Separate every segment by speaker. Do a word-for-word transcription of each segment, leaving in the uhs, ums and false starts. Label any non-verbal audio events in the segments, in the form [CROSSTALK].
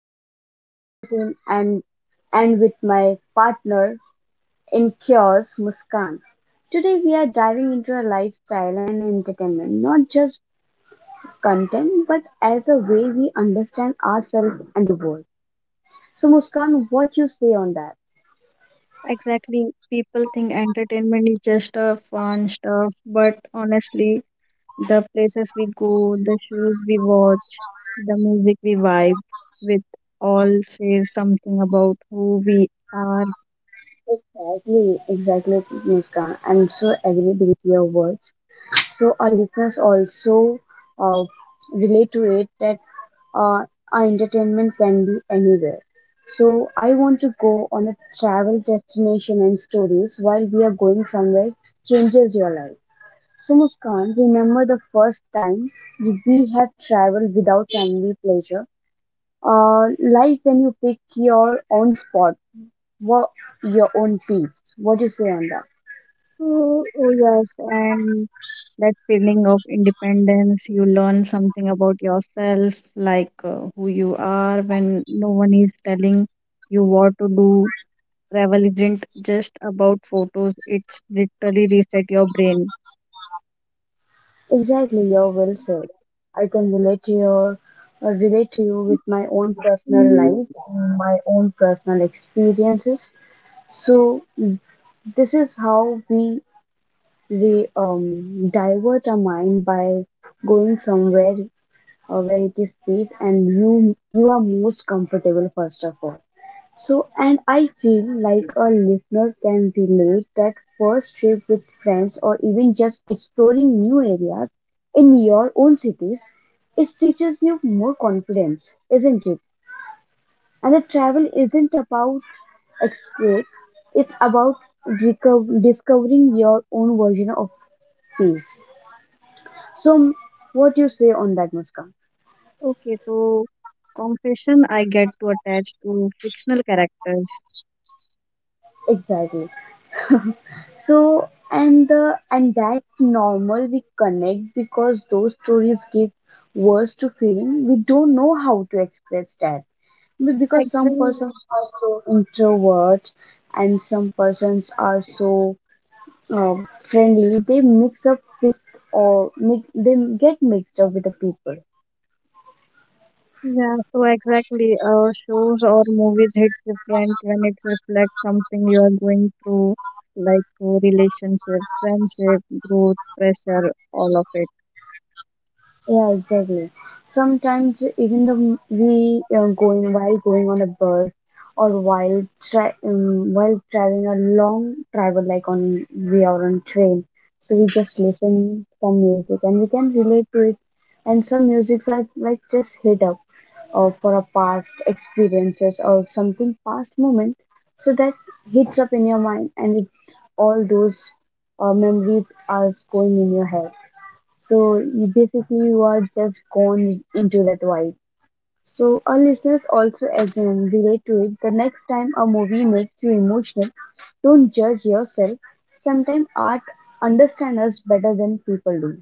Speaker 1: back. I'm Tazin and and with my partner in chaos, Muskan. Today we are diving into a lifestyle and entertainment, not just content, but as a way we understand ourselves and the world. So Muskan, what you say on that?
Speaker 2: Exactly. People think entertainment is just a fun stuff, but honestly, the places we go, the shows we watch, the music we vibe with all say something about who we are.
Speaker 1: Exactly, exactly, Muskan. I'm so agreed with your words. So our listeners also uh, relate to it that uh, our entertainment can be anywhere. So I want to go on a travel destination and stories while we are going somewhere changes your life. So Muskan, remember the first time we have traveled without family pleasure. Uh, like when you pick your own spot, what your own peace. What do you say on that?
Speaker 2: Oh, oh yes, and that feeling of independence, you learn something about yourself, like uh, who you are when no one is telling you what to do. Travel isn't just about photos, it's literally reset your brain.
Speaker 1: Exactly, you're well said. I can relate to your uh, relate to you with my own personal life, my own personal experiences. So this is how we we um divert our mind by going somewhere uh, where it is safe and you you are most comfortable first of all. So, and I feel like a listener can relate that first trip with friends or even just exploring new areas in your own cities, it teaches you more confidence, isn't it? And the travel isn't about escape, it's about reco- discovering your own version of peace. So, what you say on that, Muskan?
Speaker 2: Okay, so confession I get to attach to fictional characters.
Speaker 1: Exactly. So and the and that's normal. We connect because those stories give words to feeling we don't know how to express that. Be- Because some
Speaker 2: Exactly.
Speaker 1: persons are so introverts and some persons are so um, friendly, they mix up with or mix, they get mixed up with the people.
Speaker 2: Yeah, so exactly. Uh, shows or movies hit different when it reflects something you are going through, like uh, relationship, friendship, growth, pressure, all of it.
Speaker 1: Yeah, exactly. Sometimes even the we uh, going while going on a bus or while tra- um, while traveling a long travel like on we are on train, so we just listen some music and we can relate to it. And some musics are like just hit up or for a past experiences or something past moment, so that hits up in your mind and it all those uh, memories are going in your head. So you basically you are just gone into that vibe. So our listeners also assume relate to it. The next time a movie makes you emotional, don't judge yourself. Sometimes art understands us better than people do.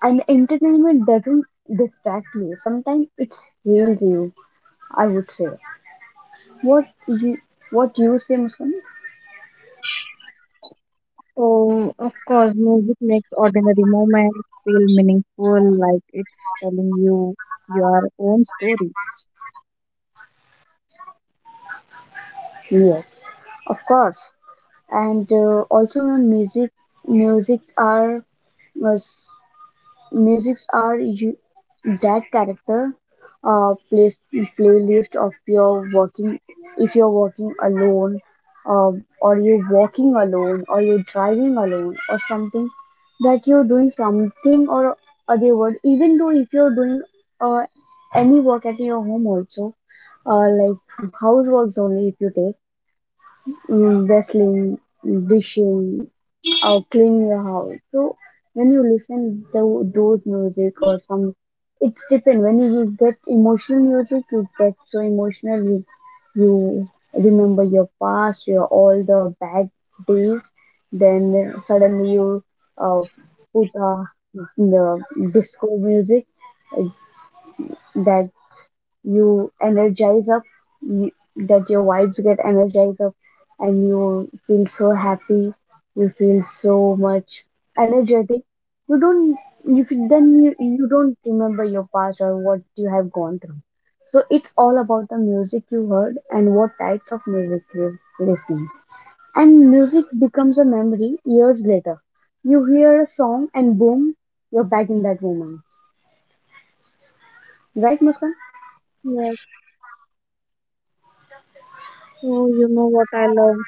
Speaker 1: And entertainment doesn't distract you. Sometimes it heals you, I would say. What you what you say, Muskan?
Speaker 2: So, of course, music makes ordinary moments feel meaningful, like it's telling you your own story.
Speaker 1: Yes, of course. And uh, also, you know, music music are uh, Musics are you, that character uh, play, playlist of your working if you're working alone um, or you're walking alone or you're driving alone or something that you're doing something or other word even though if you're doing uh, any work at your home also uh, like houseworks only if you take mm, wrestling, dishing uh, clean your house. So when you listen to those music or some, it's different. When you get emotional music, you get so emotional. You you remember your past, your all the bad days. Then suddenly you uh, put uh, the disco music uh, that you energize up you, that your vibes get energized up and you feel so happy, you feel so much energetic, you don't you feel, then you, you don't remember your past or what you have gone through. So it's all about the music you heard and what types of music you listening, and music becomes a memory years later. You hear a song and boom, you're back in that moment, right Muskan?
Speaker 2: Yes. So, you know what I love?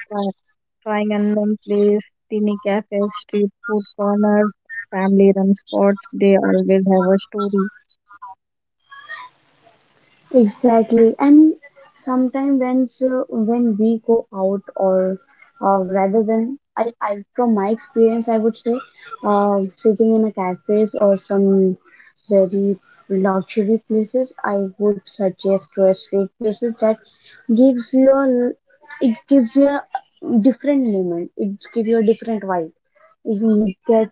Speaker 2: Trying unknown place, teeny cafes, street food corners, family run spots, they always have a story.
Speaker 1: Exactly, and sometimes when so when we go out or uh, rather than I, I from my experience I would say uh, sitting in a cafes or some very luxury places I would suggest to a street places that gives you a, it gives you a different moment, it gives you a different vibe if you get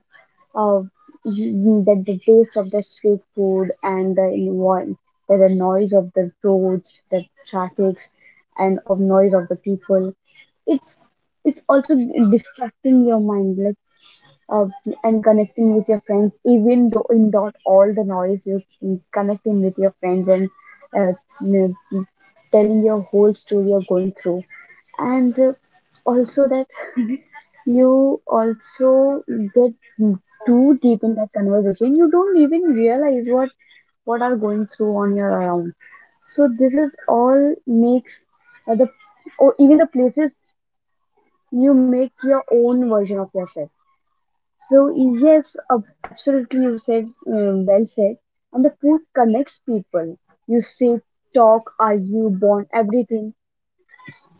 Speaker 1: uh, you- that the taste of the street food and the environment, that the noise of the roads, the traffic, and of noise of the people. It's it's also distracting your mind, like uh, and connecting with your friends. Even though in not all the noise, you're connecting with your friends and uh, you know, telling your whole story you're going through, and uh, also that you also get too deep in that conversation, you don't even realize what what are going through on your around. So this is all makes uh, the or even the places you make your own version of yourself. So yes, uh, absolutely you said, uh, well said. And the food connects people, you sit, talk, argue, bond, everything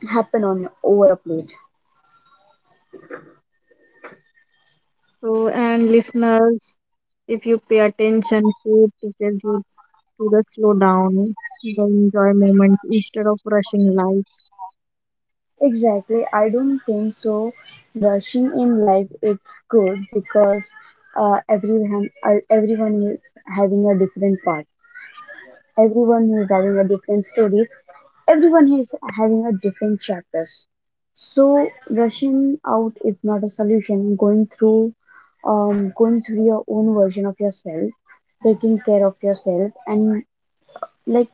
Speaker 1: happen on your over a plate.
Speaker 2: So, and listeners, if you pay attention, food teaches you to the slow down, the enjoy moments instead of rushing life.
Speaker 1: Exactly. I don't think so. Rushing in life, it's good because uh, everyone uh, everyone is having a different path. Everyone is having a different story. Everyone is having a different chapters. So rushing out is not a solution. Going through, um, going through your own version of yourself, taking care of yourself, and like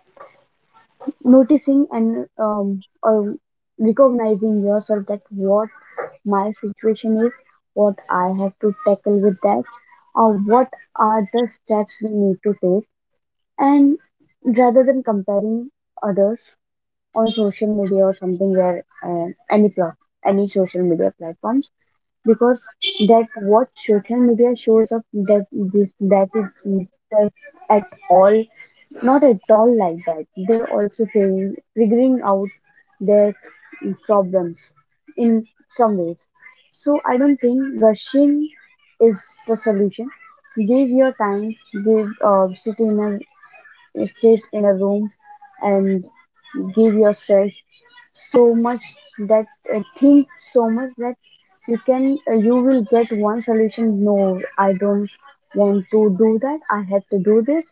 Speaker 1: noticing and um, or recognizing yourself that what my situation is, what I have to tackle with that, or what are the steps we need to take, and rather than comparing others on social media or something where uh, any pla- any social media platforms, because that what social media shows up that this that is just at all not at all like that. They're also figuring, figuring out their problems in some ways. So I don't think rushing is the solution. Give your time, give uh, sit in a sit in a room and give yourself so much that uh, think so much that you can uh, you will get one solution. No, I don't want to do that, I have to do this.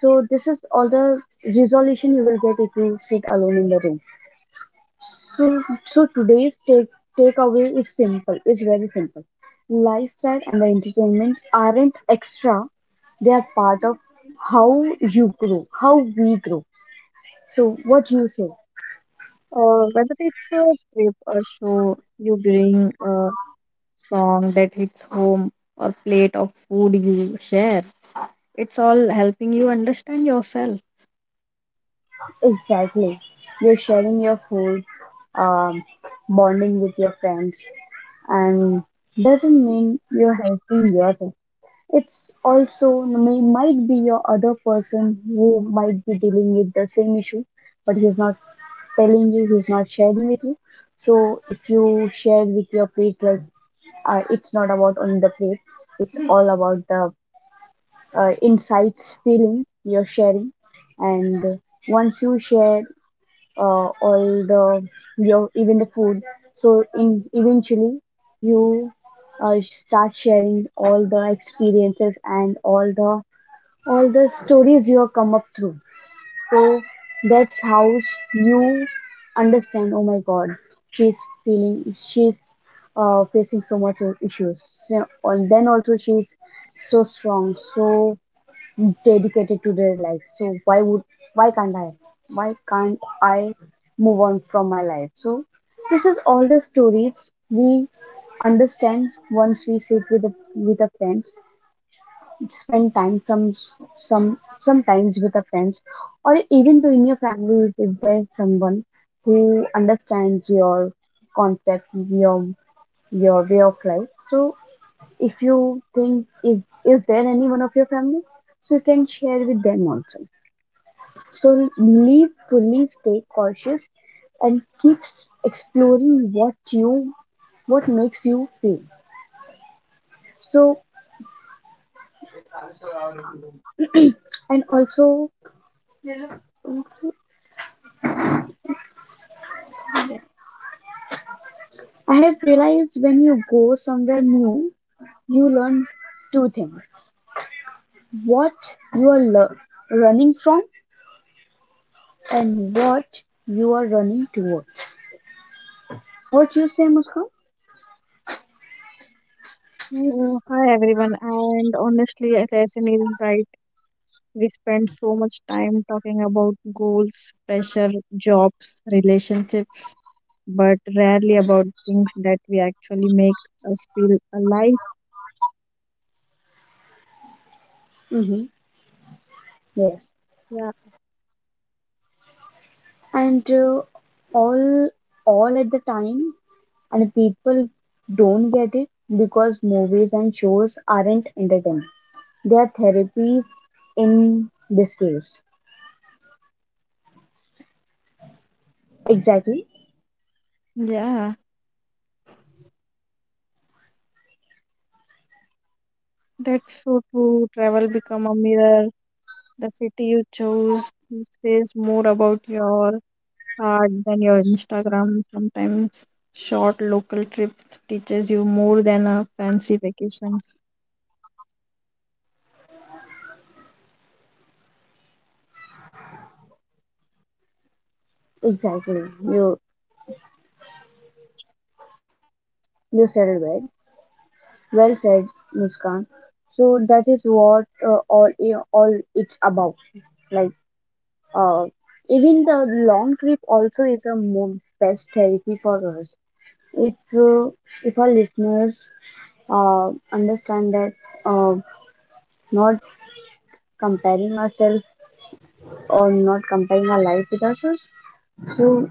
Speaker 1: So this is all the resolution you will get if you sit alone in the room. So so today's take takeaway is simple, it's very simple. Lifestyle and the entertainment aren't extra, they are part of how you grow, how we grow. So what you say
Speaker 2: Uh, whether it's a trip or show, you bring a song that hits home or plate of food you share. It's all helping you understand yourself.
Speaker 1: exactly? You're sharing your food, um, bonding with your friends, and doesn't mean you're helping yourself. It's also no, may might be your other person who might be dealing with the same issue, but he's not telling you, he's not sharing with you. So if you share with your plate, like uh, it's not about on the plate, it's all about the uh, insights feeling you're sharing, and once you share uh, all the your even the food. So in eventually you uh, start sharing all the experiences and all the all the stories you have come up through. So that's how you understand. Oh my God, she's feeling, she's uh, facing so much issues. So, and then also she's so strong. So dedicated to their life. So why would why can't I? Why can't I move on from my life? So this is all the stories we understand once we sit with a, with a friends, spend time some some sometimes with a friends, or even to in your family if there's someone who understands your concept, your your way of life. So if you think if is there anyone of your family, so you can share with them also. So leave fully, stay cautious, and keep s- exploring what you what makes you feel. So and also I have realized when you go somewhere new, you learn two things: what you are lear- running from and what you are running towards. What you say, Muskan?
Speaker 2: Oh, hi everyone, and honestly, Tyson is right. We spend so much time talking about goals, pressure, jobs, relationships, but rarely about things that we actually make us feel alive.
Speaker 1: Mm-hmm. Yes,
Speaker 2: Yeah,
Speaker 1: and uh, all all at the time and people don't get it because movies and shows aren't entertainment. They are therapies in disguise. Exactly,
Speaker 2: yeah, that's so true. Travel become a mirror. The city you chose says more about your heart than your Instagram. Sometimes short local trips teaches you more than a fancy vacation.
Speaker 1: exactly. You you said it well. Well said, Muskan. So that is what uh, all all it's about. Like uh, even the long trip also is a mo- best therapy for us. If uh, if our listeners uh, understand that uh, not comparing ourselves or not comparing our life with ourselves. So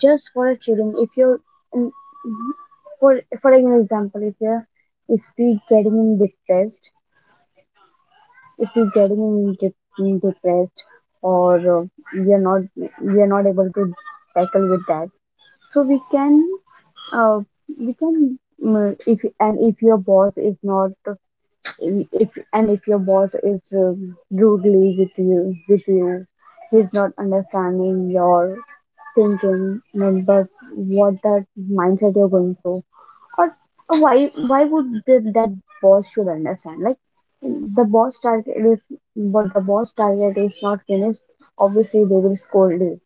Speaker 1: just for a children, if you're in, for for an example, if you're if we getting in depressed, if we getting in de- in depressed, or uh, we are not we are not able to tackle with that. So we can uh, we can mm, if and if your boss is not if and if your boss is um rudely with you with you he's not understanding your thinking mm, that what that mindset you're going through or why why would the, that boss should understand like the boss target is but the boss target is not finished, obviously they will scold you.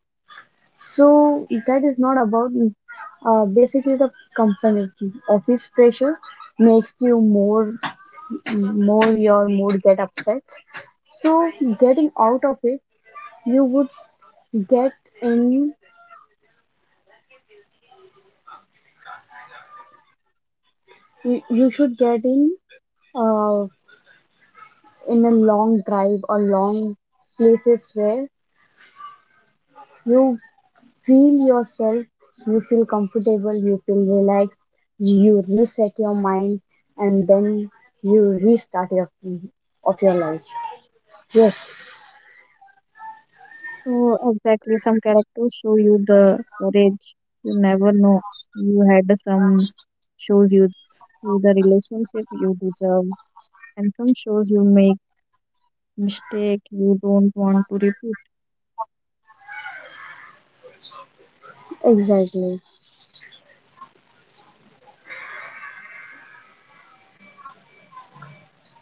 Speaker 1: So that is not about uh, basically the company office pressure makes you more more your mood get upset. So getting out of it you would get in you you should get in uh, in a long drive or long places where you feel yourself, you feel comfortable, you feel relaxed, you reset your mind, and then you restart your of your life. Yes,
Speaker 2: So exactly, some characters show you the courage you never know you had. Some shows you you the relationship you deserve, and some shows you make mistake you don't want to repeat.
Speaker 1: exactly.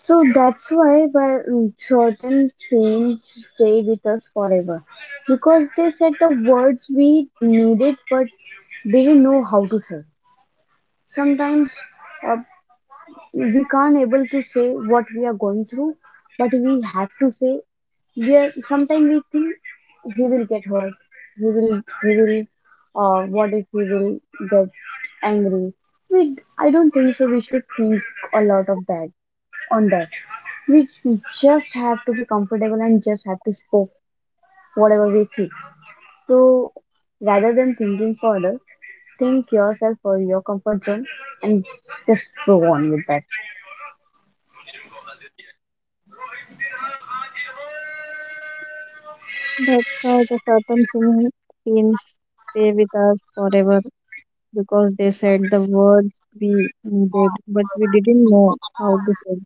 Speaker 1: So that's why, but certain things stay with us forever because they said the words we needed but didn't know how to say. Sometimes uh, we can't able to say what we are going through, but we have to say we are, sometimes we think he will get hurt. He will he will uh what if he will get angry? We I don't think so we should think a lot of that on that. We just have to be comfortable and just have to spoke whatever we feel. So rather than thinking further, think yourself for your comfort zone and just go on with that.
Speaker 2: That's how the certain thing scenes stay with us forever because they said the words we needed, but we didn't know how to say.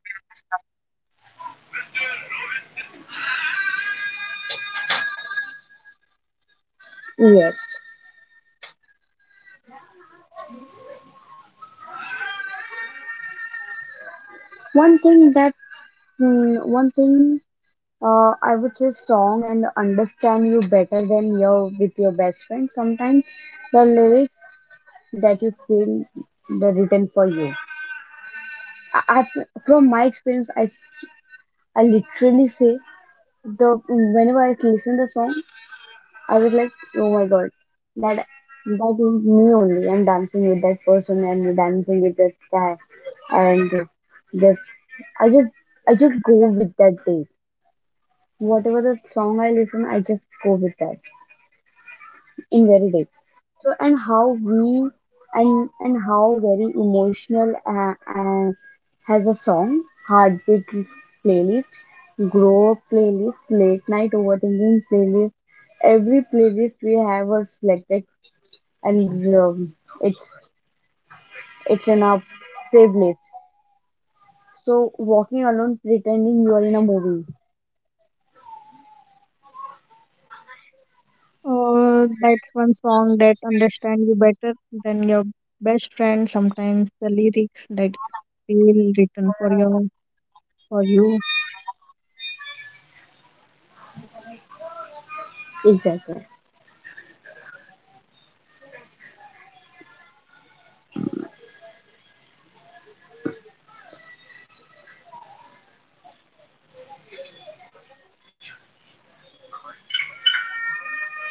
Speaker 1: Yes. One thing that mm, One thing, uh, I would say, song and understand you better than your with your best friend. Sometimes the lyrics that you feel the written for you. I, I From my experience, I I literally say the whenever I listen the song, I was like, oh my god, that that is me only. I'm dancing with that person and dancing with that guy and this. I just I just go with that day. Whatever the song I listen, I just go with that in very deep. So, and how we, and and how very emotional, uh, uh, has a song: heartbeat playlist, grow up playlist, late night overthinking playlist. Every playlist we have was selected, and um, it's it's in our playlist. So walking alone, pretending you are in a movie.
Speaker 2: Or that's one song that understand you better than your best friend. Sometimes the lyrics that feel written for your for you.
Speaker 1: Exactly.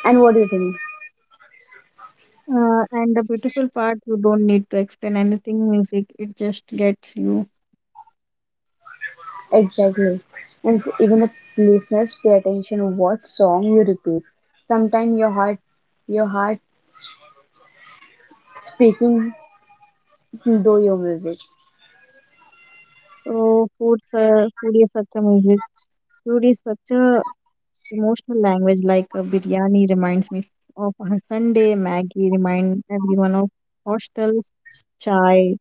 Speaker 1: And what do you think?
Speaker 2: Uh, and the beautiful part, you don't need to explain anything. Music, it just gets you.
Speaker 1: Exactly. And even the listeners pay attention to what song you repeat. Sometimes your heart, your heart speaking through your music.
Speaker 2: So food, uh, food is such a music. Food is such a emotional language. Like a biryani reminds me of a Sunday. Maggie remind everyone of hostels. Chai,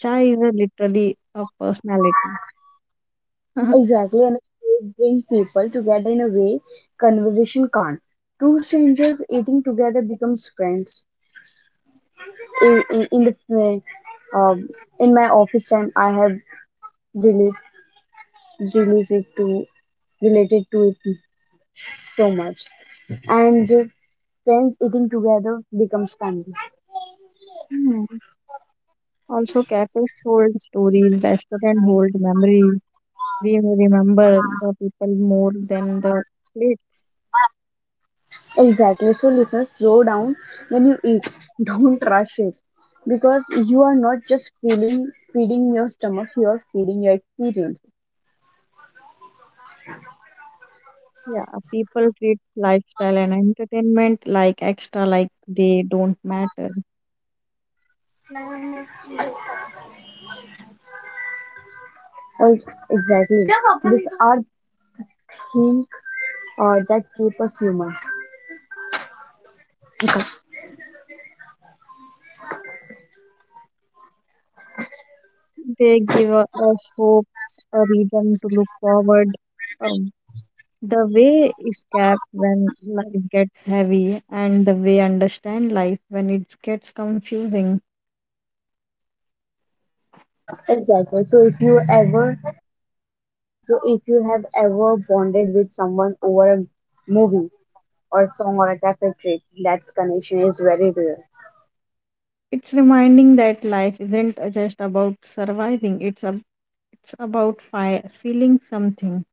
Speaker 2: chai is a literally a personality. [LAUGHS]
Speaker 1: Exactly, and it bring people together in a way conversation can't. Two strangers eating together becomes friends. In, in, in the uh, um, in my office time, I have relate, related to, related to it so much, and uh, friends eating together becomes family.
Speaker 2: Hmm. Also, cafes hold stories, restaurants hold memories. We may remember the people more than the plates.
Speaker 1: Exactly. So, listeners, slow down when you eat. [LAUGHS] Don't rush it because you are not just feeling feeding your stomach; you are feeding your experience.
Speaker 2: Yeah, people treat lifestyle and entertainment like extra, like they don't matter.
Speaker 1: Oh, exactly. These are things uh, that keep us humans.
Speaker 2: They give u- us hope, a reason to look forward. Um, the way escape when life gets heavy, and the way understand life when it gets confusing.
Speaker 1: Exactly. So, if you ever, so if you have ever bonded with someone over a movie or song or a cafe trip, that connection is very real.
Speaker 2: It's reminding that life isn't just about surviving. It's a, it's about fi- feeling something.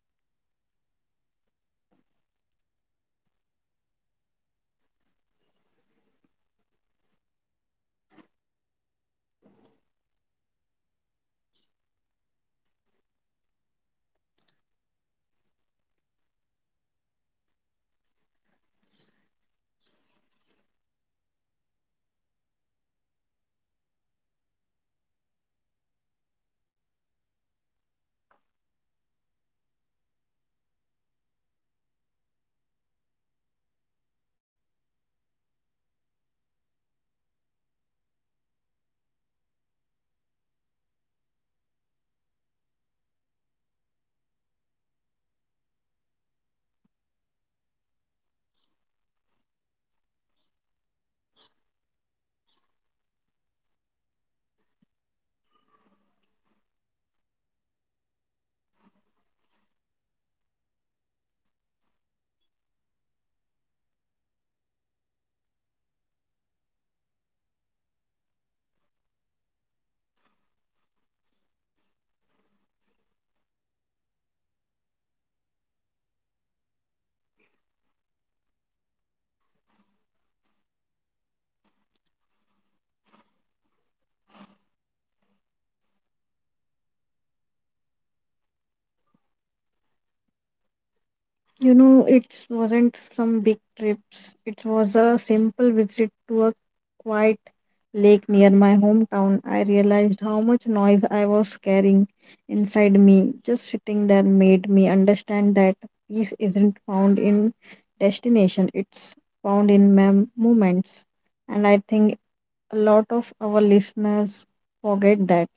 Speaker 2: You know, it wasn't some big trips. It was a simple visit to a quiet lake near my hometown. I realized how much noise I was carrying inside me. Just sitting there made me understand that peace isn't found in destination, it's found in mem- moments. And I think a lot of our listeners forget that.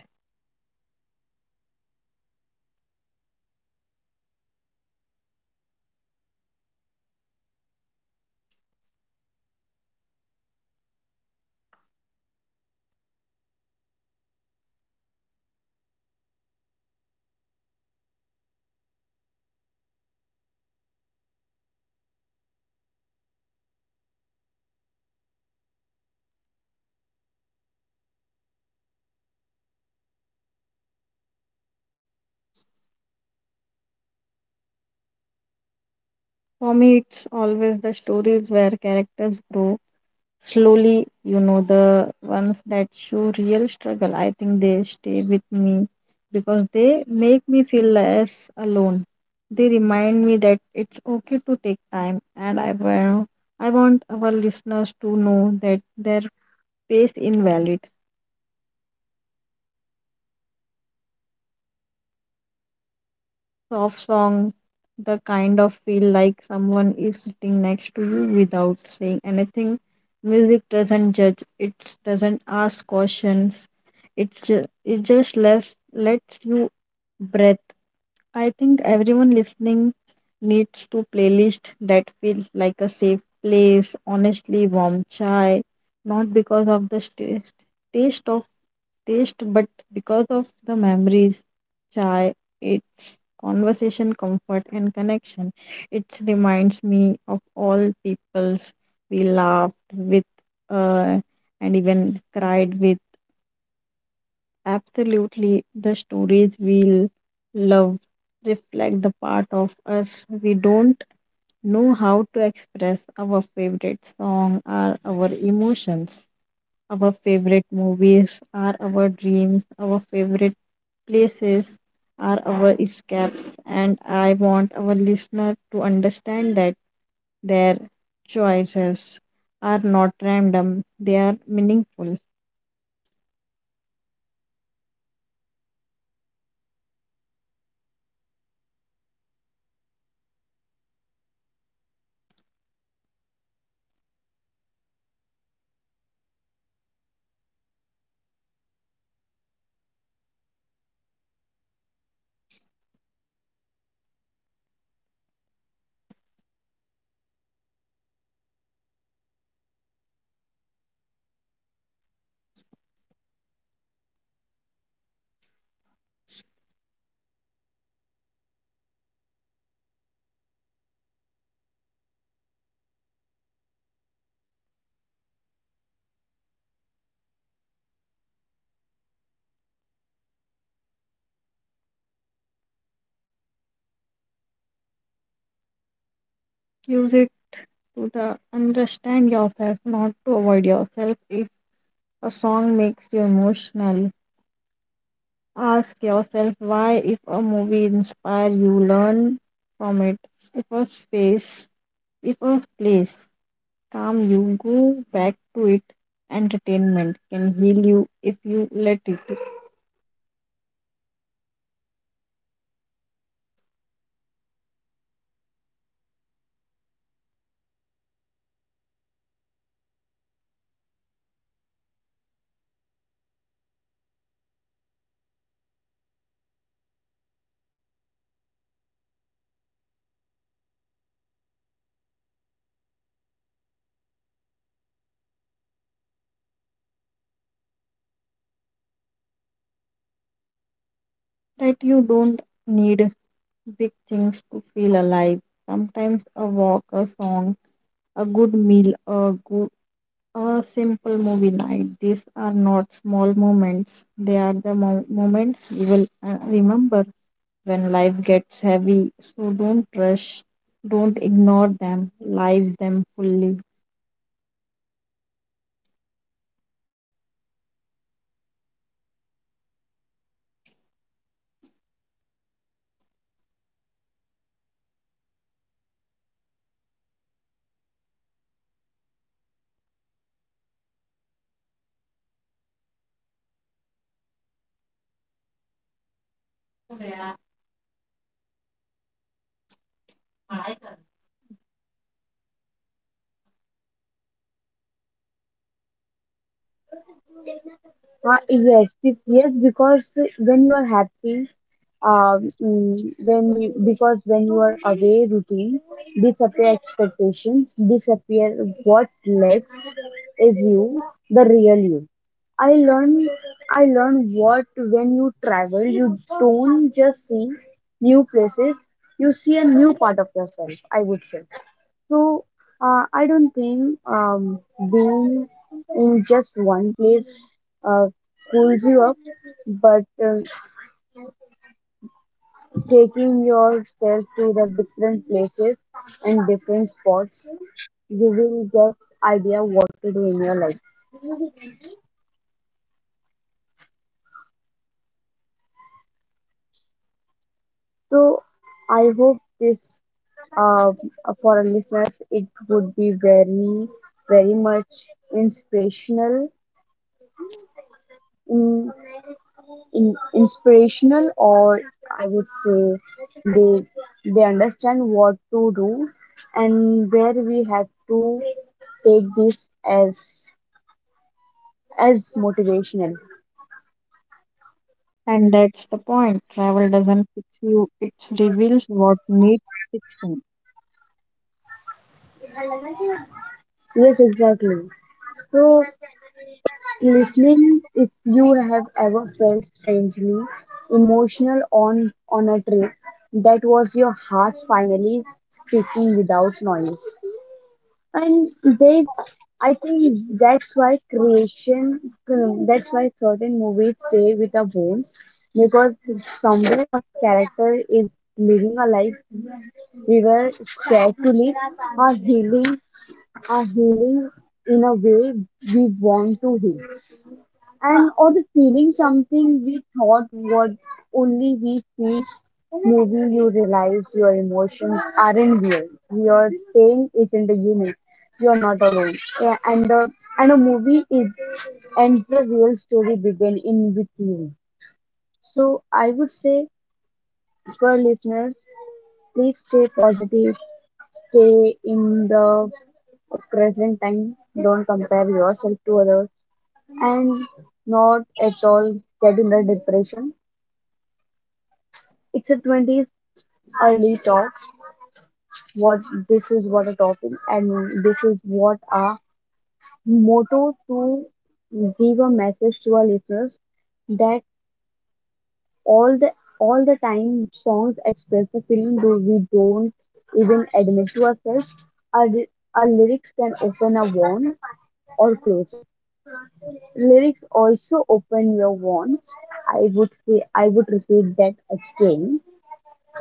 Speaker 2: For me, it's always the stories where characters grow slowly, you know, the ones that show real struggle. I think they stay with me because they make me feel less alone. They remind me that it's okay to take time, and i will i want our listeners to know that their pace is valid. Soft song, the kind of feel like someone is sitting next to you without saying anything. Music doesn't judge, it doesn't ask questions. It's just, it just lets lets you breathe. I think everyone listening needs to playlist that feels like a safe place, honestly warm chai, not because of the st- taste of taste but because of the memories. Chai, its conversation, comfort and connection. It reminds me of all people we laughed with, uh, and even cried with. Absolutely, the stories we love reflect the part of us we don't know how to express our favorite song or our emotions. Our favorite movies are our dreams, our favorite places are our escapes, and I want our listener to understand that their choices are not random, they are meaningful. Use it to the understand yourself, not to avoid yourself. If a song makes you emotional, ask yourself why. If a movie inspires you, learn from it. If a space, if a place calm you, go back to it. Entertainment can heal you if you let it. That you don't need big things to feel alive. Sometimes a walk, a song, a good meal, a good a simple movie night. These are not small moments. They are the mo- moments you will uh, remember when life gets heavy. So don't rush. Don't ignore them. Live them fully.
Speaker 1: Uh, yes, be- yes, because when you are happy, um, mm, when you, because when you are away, routine disappear, expectations disappear, what left is you, the real you. I learn, I learn what, when you travel, you don't just see new places, you see a new part of yourself, I would say. So, uh, I don't think um, being in just one place uh, cools you up, but uh, taking yourself to the different places and different spots, you will get idea what to do in your life. So, I hope this, uh, for our listeners, it would be very, very much inspirational, in in, inspirational, or I would say they they understand what to do and where we have to take this, as as motivational.
Speaker 2: And that's the point. Travel doesn't fix you, it reveals what needs fixing.
Speaker 1: Yes, exactly. So, listening, if you have ever felt strangely emotional on on a trip, that was your heart finally speaking without noise. And they, I think that's why creation, that's why certain movies stay with a bone, because somewhere a character is living a life we were scared to live, or healing, or healing in a way we want to heal, and or the feeling something we thought was only we feel. Movie, you realize your emotions aren't real, your pain isn't a unit, you're not alone. Yeah, and the and a movie is, and the real story begin in with you. So I would say, for listeners, please stay positive, stay in the present time, don't compare yourself to others, and not at all get in a depression. It's a twenties early talk. What, this is what a topic, and this is what our motto to give a message to our listeners, that all the all the time songs express the feeling though we don't even admit to ourselves. Our, our lyrics can open a wound or close it. Lyrics also open your wounds, I would say, I would repeat that again.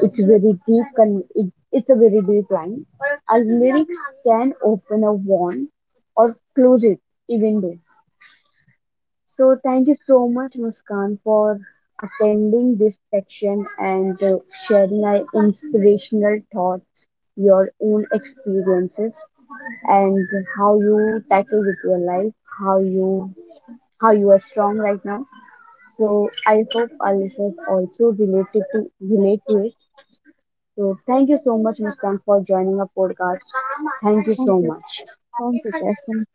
Speaker 1: It's very deep. Con- it, it's a very deep line. A lyric can open a wound or close it, even though. So thank you so much, Muskan, for attending this section, and uh, sharing our inspirational thoughts, your own experiences, and how you tackle with your life, how you how you are strong right now. So I hope our listeners also related to relate to it. So thank you so much, Muskan, for joining our podcast. Thank you
Speaker 2: Thank
Speaker 1: so
Speaker 2: you.
Speaker 1: much.
Speaker 2: Thank you, Kasim.